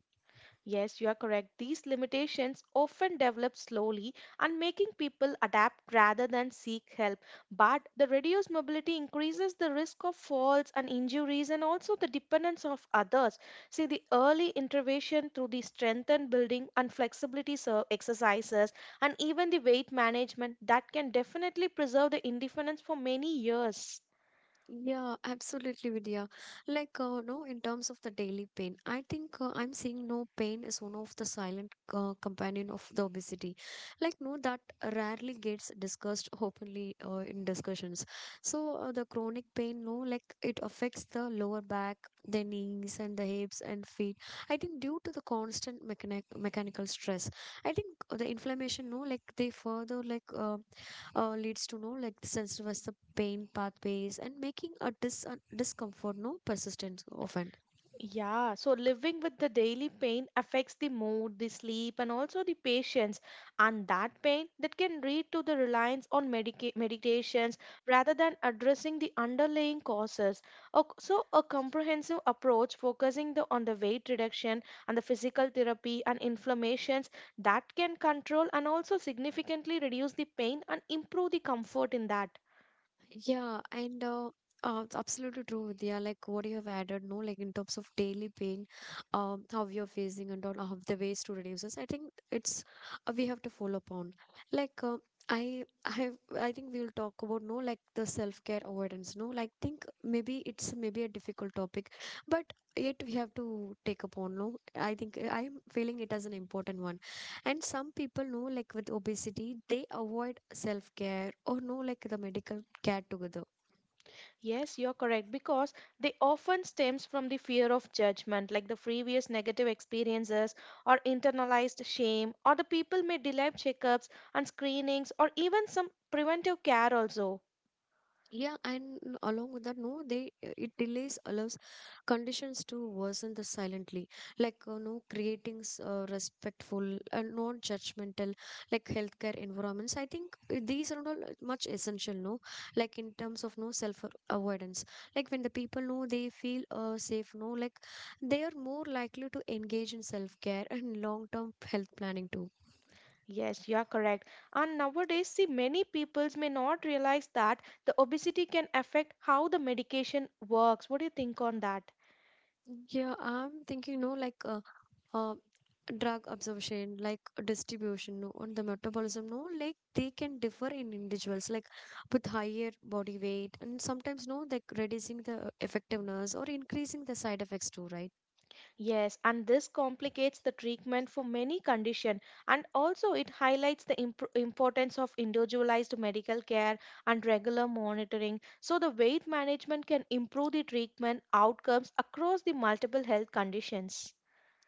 S2: Yes, you are correct. These limitations often develop slowly and making people adapt rather than seek help. But the reduced mobility increases the risk of falls and injuries and also the dependence of others. See, the early intervention through the strength and building and flexibility exercises and even the weight management that can definitely preserve the independence for many years.
S1: Yeah, absolutely, Vidya. Like, no, in terms of the daily pain, I think I'm seeing no pain as one of the silent companion of the obesity. Like, no, that rarely gets discussed openly in discussions. So, the chronic pain, no, like it affects the lower back, the knees, and the hips and feet. I think due to the constant mechanical stress, I think the inflammation, no, like they further like. Leads to know like sensitive the pain pathways and making a discomfort no persistent often.
S2: Yeah, so living with the daily pain affects the mood, the sleep, and also the patience. And that pain that can lead to the reliance on medications rather than addressing the underlying causes. So, a comprehensive approach focusing on the weight reduction and the physical therapy and inflammations that can control and also significantly reduce the pain and improve the comfort in that.
S1: Yeah, and it's absolutely true, Vidya. Like what you have added, no, like in terms of daily pain, how we are facing and all, of the ways to reduce this. I think it's we have to follow upon. Like I, I, I think we'll talk about no, like the self-care avoidance. No, like think maybe it's maybe a difficult topic, but yet we have to take upon. No, I think I'm feeling it as an important one. And some people know, like with obesity, they avoid self care or no, like the medical care together.
S2: Yes, you're correct, because they often stems from the fear of judgment, like the previous negative experiences or internalized shame, or the people may delay checkups and screenings or even some preventive care also.
S1: Yeah, and along with that, no, they it delays allows conditions to worsen the silently, like you know, creating respectful and non-judgmental, like healthcare environments. I think these are not all much essential, no, like in terms of no avoidance. Like when the people know they feel safe, no, like they are more likely to engage in self-care and long-term health planning too.
S2: Yes, you are correct. And nowadays, see, many peoples may not realize that the obesity can affect how the medication works. What do you think on that?
S1: Yeah, I'm thinking, no, like. Uh, Drug absorption like distribution no, and the metabolism no like they can differ in individuals like with higher body weight and sometimes no like reducing the effectiveness or increasing the side effects too, right?
S2: Yes, and this complicates the treatment for many conditions, and also it highlights the importance of individualized medical care and regular monitoring. So, the weight management can improve the treatment outcomes across the multiple health conditions.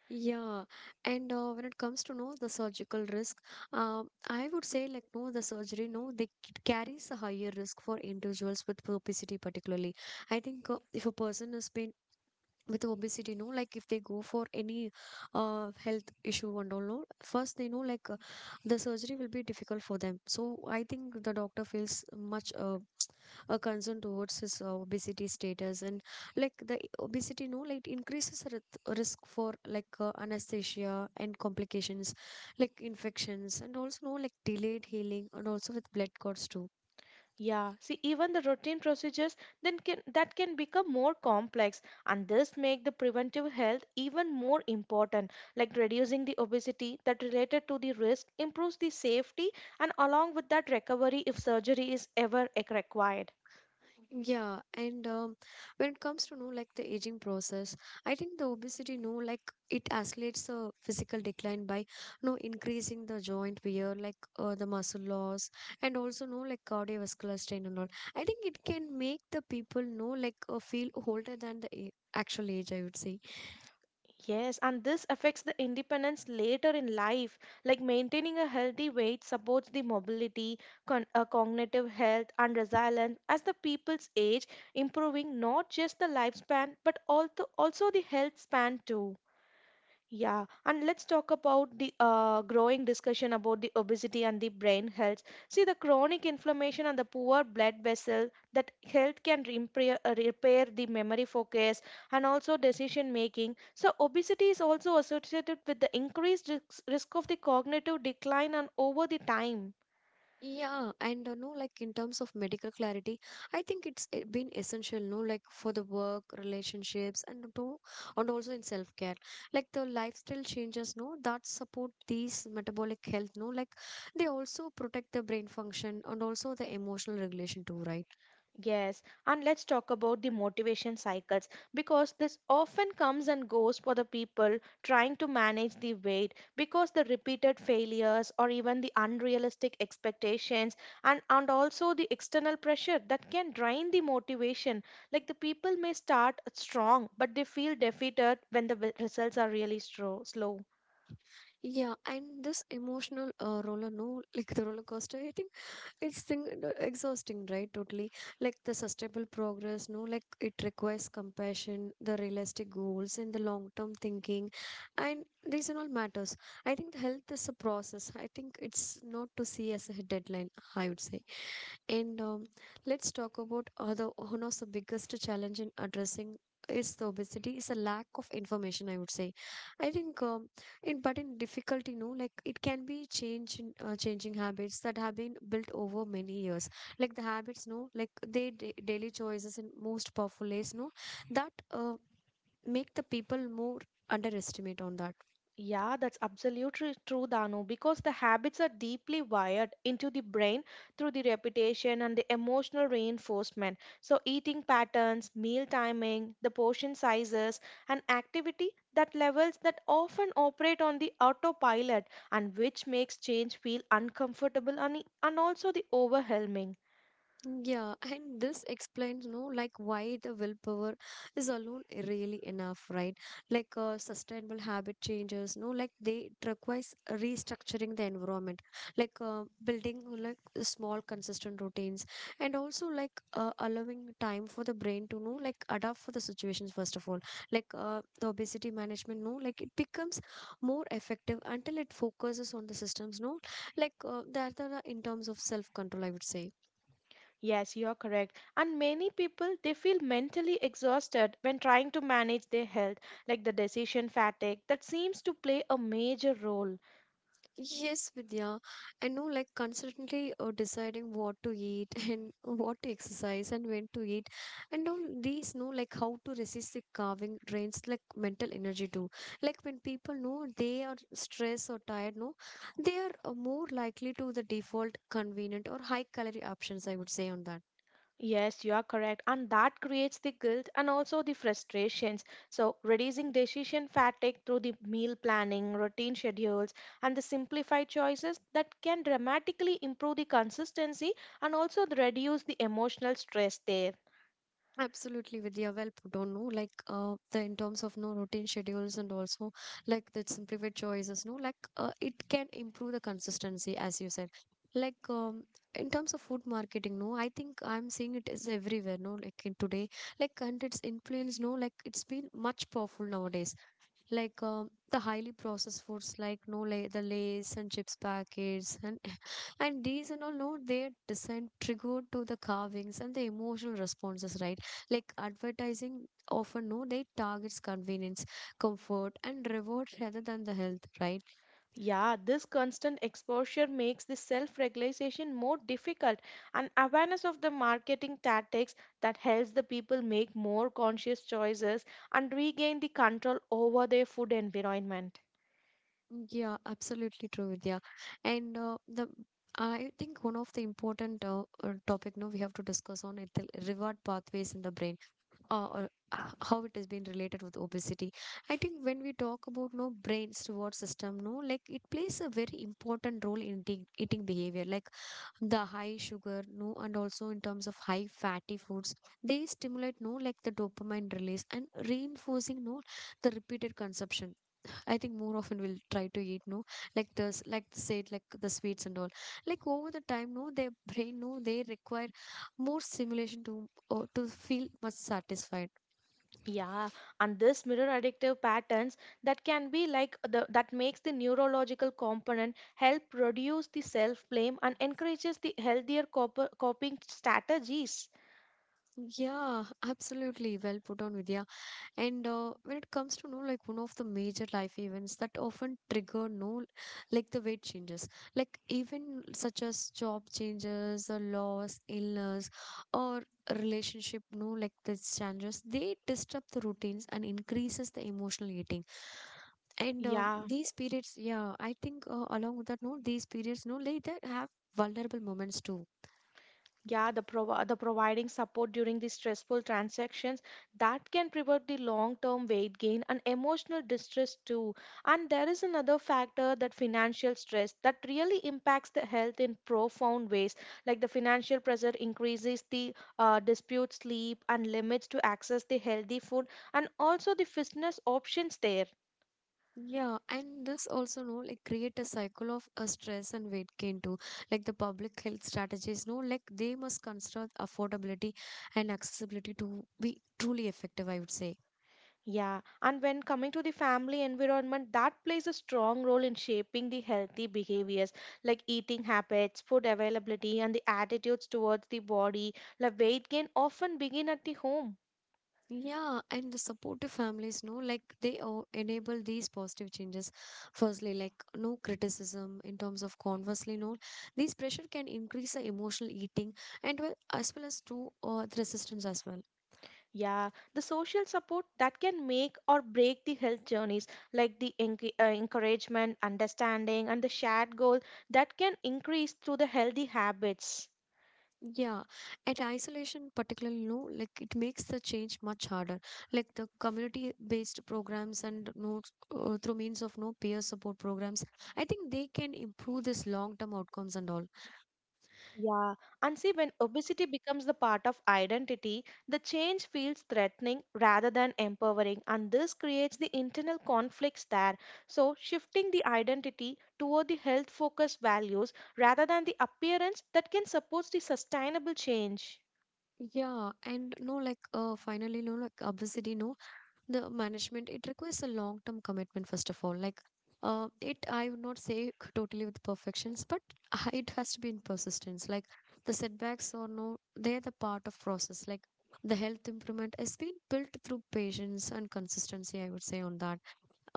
S1: Yeah, and when it comes to know the surgical risk, I would say like no the surgery no they carries a higher risk for individuals with obesity particularly. I think if a person has been with obesity no like if they go for any health issue and all no first they know like the surgery will be difficult for them, so I think the doctor feels much a concern towards his obesity status, and like the obesity no like increases risk for like anesthesia and complications like infections and also no like delayed healing and also with blood clots too.
S2: Yeah, see, even the routine procedures then can that can become more complex, and this make the preventive health even more important. Like reducing the obesity that related to the risk improves the safety, and along with that recovery if surgery is ever required.
S1: Yeah, and when it comes to know like the aging process, I think the obesity know like it accelerates the physical decline by you know increasing the joint wear, like the muscle loss, and also know like cardiovascular strain and all. I think it can make the people know like feel older than the actual age, I would say.
S2: Yes, and this affects the independence later in life. Like maintaining a healthy weight supports the mobility, cognitive health, and resilience as the people's age, improving not just the lifespan but also, also the health span too. Yeah, and let's talk about the growing discussion about the obesity and the brain health. See, the chronic inflammation and the poor blood vessel that health can repair, repair the memory focus and also decision making. So, obesity is also associated with the increased risk of the cognitive decline and over the time.
S1: Yeah, and no, like in terms of medical clarity, I think it's been essential, no, like for the work, relationships, and to, and also in self-care. Like the lifestyle changes, no, that support these metabolic health, no, like they also protect the brain function and also the emotional regulation too, right?
S2: Yes, and let's talk about the motivation cycles because this often comes and goes for the people trying to manage the weight because the repeated failures or even the unrealistic expectations and also the external pressure that can drain the motivation. Like the people may start strong, but they feel defeated when the results are really slow.
S1: Yeah, and this emotional roller, no, like the roller coaster, I think it's thing, exhausting, right? Totally. Like the sustainable progress, no, like it requires compassion, the realistic goals, and the long term thinking. And these and all matters. I think the health is a process. I think it's not to see as a deadline, I would say. And let's talk about the one of the biggest challenge in addressing is the obesity is a lack of information. I would say, I think, in but in difficulty, no, like it can be change in changing habits that have been built over many years. Like the habits, no, like they daily choices in most powerful ways, no, that make the people more underestimate on that.
S2: Yeah, that's absolutely true, Danu, because the habits are deeply wired into the brain through the repetition and the emotional reinforcement. So, eating patterns, meal timing, the portion sizes, and activity that levels that often operate on the autopilot and which makes change feel uncomfortable and also the overwhelming.
S1: Yeah, and this explains, no, like why the willpower is alone really enough, right? Like sustainable habit changes, no, like they it requires restructuring the environment, like building like small consistent routines, and also like allowing time for the brain to know, like adapt for the situations first of all. Like the obesity management, no, like it becomes more effective until it focuses on the systems, no, like that are in terms of self control, I would say.
S2: Yes, you are correct. And many people they feel mentally exhausted when trying to manage their health, like the decision fatigue that seems to play a major role.
S1: Yes, Vidya. I know, like, constantly deciding what to eat and what to exercise and when to eat, and all these know, like, how to resist the carving drains, like, mental energy too. Like, when people know they are stressed or tired, no, they are more likely to the default convenient or high calorie options, I would say, on that.
S2: Yes, you are correct. And that creates the guilt and also the frustrations. So, reducing decision fatigue through the meal planning, routine schedules, and the simplified choices that can dramatically improve the consistency and also reduce the emotional stress there.
S1: Absolutely, Vidya. Well put on, no? Like, the in terms of no routine schedules and also like the simplified choices, no? Like, it can improve the consistency, as you said. Like, in terms of food marketing, no, I think I'm seeing it is everywhere, no? Like in today, like, and its influence, no? Like, it's been much powerful nowadays like the highly processed foods like no lays and chips packets and and these and all no they're designed triggered to the carvings and the emotional responses, right? Like advertising often no they targets convenience, comfort and reward rather than the health, right?
S2: Yeah, this constant exposure makes the self regulation more difficult, and awareness of the marketing tactics that helps the people make more conscious choices and regain the control over their food environment.
S1: Yeah, absolutely true, Vidya. And the I think one of the important topic no we have to discuss on it the reward pathways in the brain, or how it has been related with obesity. I think when we talk about no brain's reward system, no, like it plays a very important role in eating behavior, like the high sugar, no, and also in terms of high fatty foods, they stimulate no, like the dopamine release and reinforcing no, the repeated consumption. I think more often we'll try to eat no, like this, like said, like the sweets and all. Like over the time, no, their brain, no, they require more stimulation to or to feel much satisfied.
S2: Yeah, and this mirror addictive patterns that can be like the that makes the neurological component help reduce the self blame and encourages the healthier coping strategies.
S1: Yeah, absolutely. Well put on, Vidya. And when it comes to, no, like one of the major life events that often trigger, no, like the weight changes, like even such as job changes, or loss, illness, or relationship, no, like these changes, they disrupt the routines and increases the emotional eating. And
S2: Yeah.
S1: these periods, yeah, I think along with that, no, these periods, no, like that have vulnerable moments too.
S2: Yeah, the the providing support during these stressful transactions that can prevent the long term weight gain and emotional distress too. And there is another factor that financial stress that really impacts the health in profound ways, like the financial pressure increases the dispute sleep and limits to access the healthy food and also the fitness options there.
S1: Yeah, and this also know like create a cycle of stress and weight gain too. Like the public health strategies know like they must consider affordability and accessibility to be truly effective, I would say.
S2: Yeah, and when coming to the family environment, that plays a strong role in shaping the healthy behaviors like eating habits, food availability, and the attitudes towards the body. Like weight gain often begin at the home.
S1: Yeah, and the supportive families know like they enable these positive changes. Firstly, like no criticism in terms of conversely, no these pressure can increase the emotional eating and well as to the resistance as well.
S2: Yeah, the social support that can make or break the health journeys, like the encouragement, understanding, and the shared goal that can increase through the healthy habits.
S1: Yeah, at isolation, particularly, no, like it makes the change much harder. Like the community-based programs and no through means of no peer support programs, I think they can improve this long-term outcomes and all.
S2: Yeah, and see, when obesity becomes the part of identity, the change feels threatening rather than empowering, and this creates the internal conflicts there. So, shifting the identity toward the health focused values rather than the appearance that can support the sustainable change.
S1: Yeah, and no, like finally, no, like obesity, no, the management it requires a long term commitment first of all. Like it I would not say totally with perfections, but it has to be in persistence. Like the setbacks or no they're the part of process. Like the health improvement has been built through patience and consistency, I would say on that.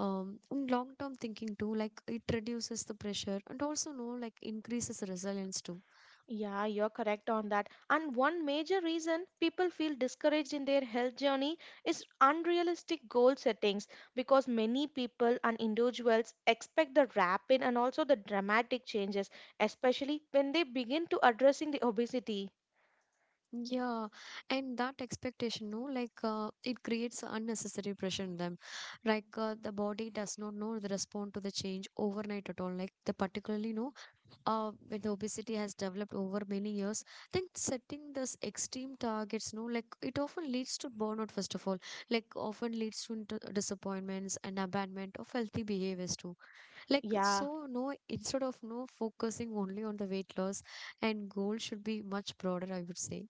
S1: um Long term thinking too like it reduces the pressure and also no like increases resilience too.
S2: Yeah, you're correct on that. And one major reason people feel discouraged in their health journey is unrealistic goal settings, because many people and individuals expect the rapid and also the dramatic changes, especially when they begin to addressing the obesity.
S1: Yeah, and that expectation, no, like it creates unnecessary pressure in them. Like the body does not know the respond to the change overnight at all. Like the particularly, no, when the obesity has developed over many years, then setting this extreme targets, no, like it often leads to burnout. First of all, like often leads to into disappointments and abandonment of healthy behaviors too. Like
S2: Yeah.
S1: so, no, instead of no focusing only on the weight loss and goal should be much broader, I would say.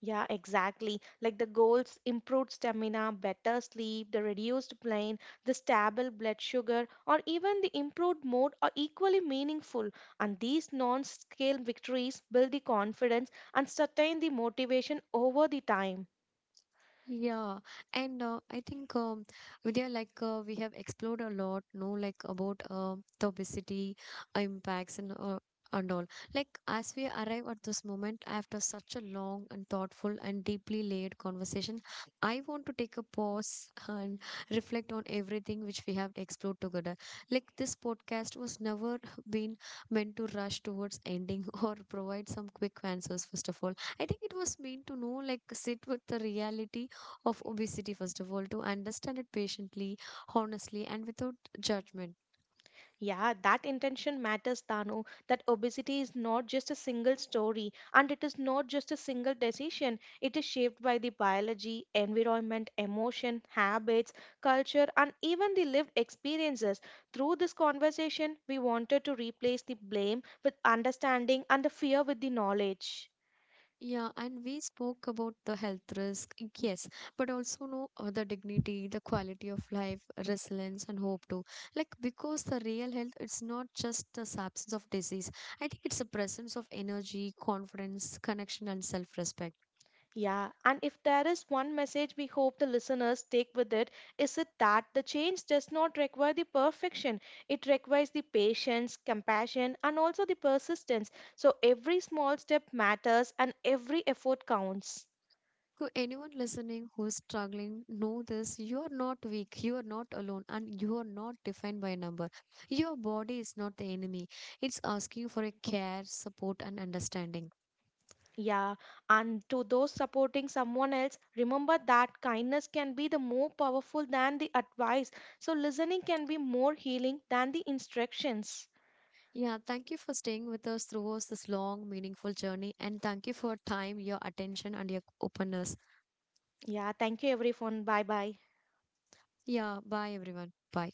S2: Yeah, exactly. Like the goals, improved stamina, better sleep, the reduced pain, the stable blood sugar, or even the improved mood are equally meaningful. And these non-scale victories build the confidence and sustain the motivation over the time.
S1: Yeah, and I think Vidya, like we have explored a lot, no, like about the obesity impacts and all. Like as we arrive at this moment after such a long and thoughtful and deeply layered conversation, I want to take a pause and reflect on everything which we have explored together. Like this podcast was never been meant to rush towards ending or provide some quick answers. First of all, I think it was meant to know, like sit with the reality of obesity, first of all, to understand it patiently, honestly, and without judgment.
S2: Yeah, that intention matters, Tanu. That obesity is not just a single story and it is not just a single decision. It is shaped by the biology, environment, emotion, habits, culture, and even the lived experiences. Through this conversation, we wanted to replace the blame with understanding and the fear with the knowledge.
S1: Yeah, and we spoke about the health risk, yes, but also know the dignity, the quality of life, resilience, and hope too. Like because the real health, it's not just the absence of disease. I think it's the presence of energy, confidence, connection, and self-respect.
S2: Yeah, and if there is one message we hope the listeners take with it, is it that the change does not require the perfection. It requires the patience, compassion, and also the persistence. So every small step matters and every effort counts.
S1: To anyone listening who is struggling, know this you are not weak, you are not alone, and you are not defined by a number. Your body is not the enemy, it's asking for a care, support, and understanding.
S2: Yeah, and to those supporting someone else, remember that kindness can be the more powerful than the advice. So listening can be more healing than the instructions.
S1: Yeah, thank you for staying with us throughout this long, meaningful journey, and thank you for your time, your attention, and your openness.
S2: Yeah, thank you everyone. Bye bye.
S1: Yeah, bye everyone. Bye.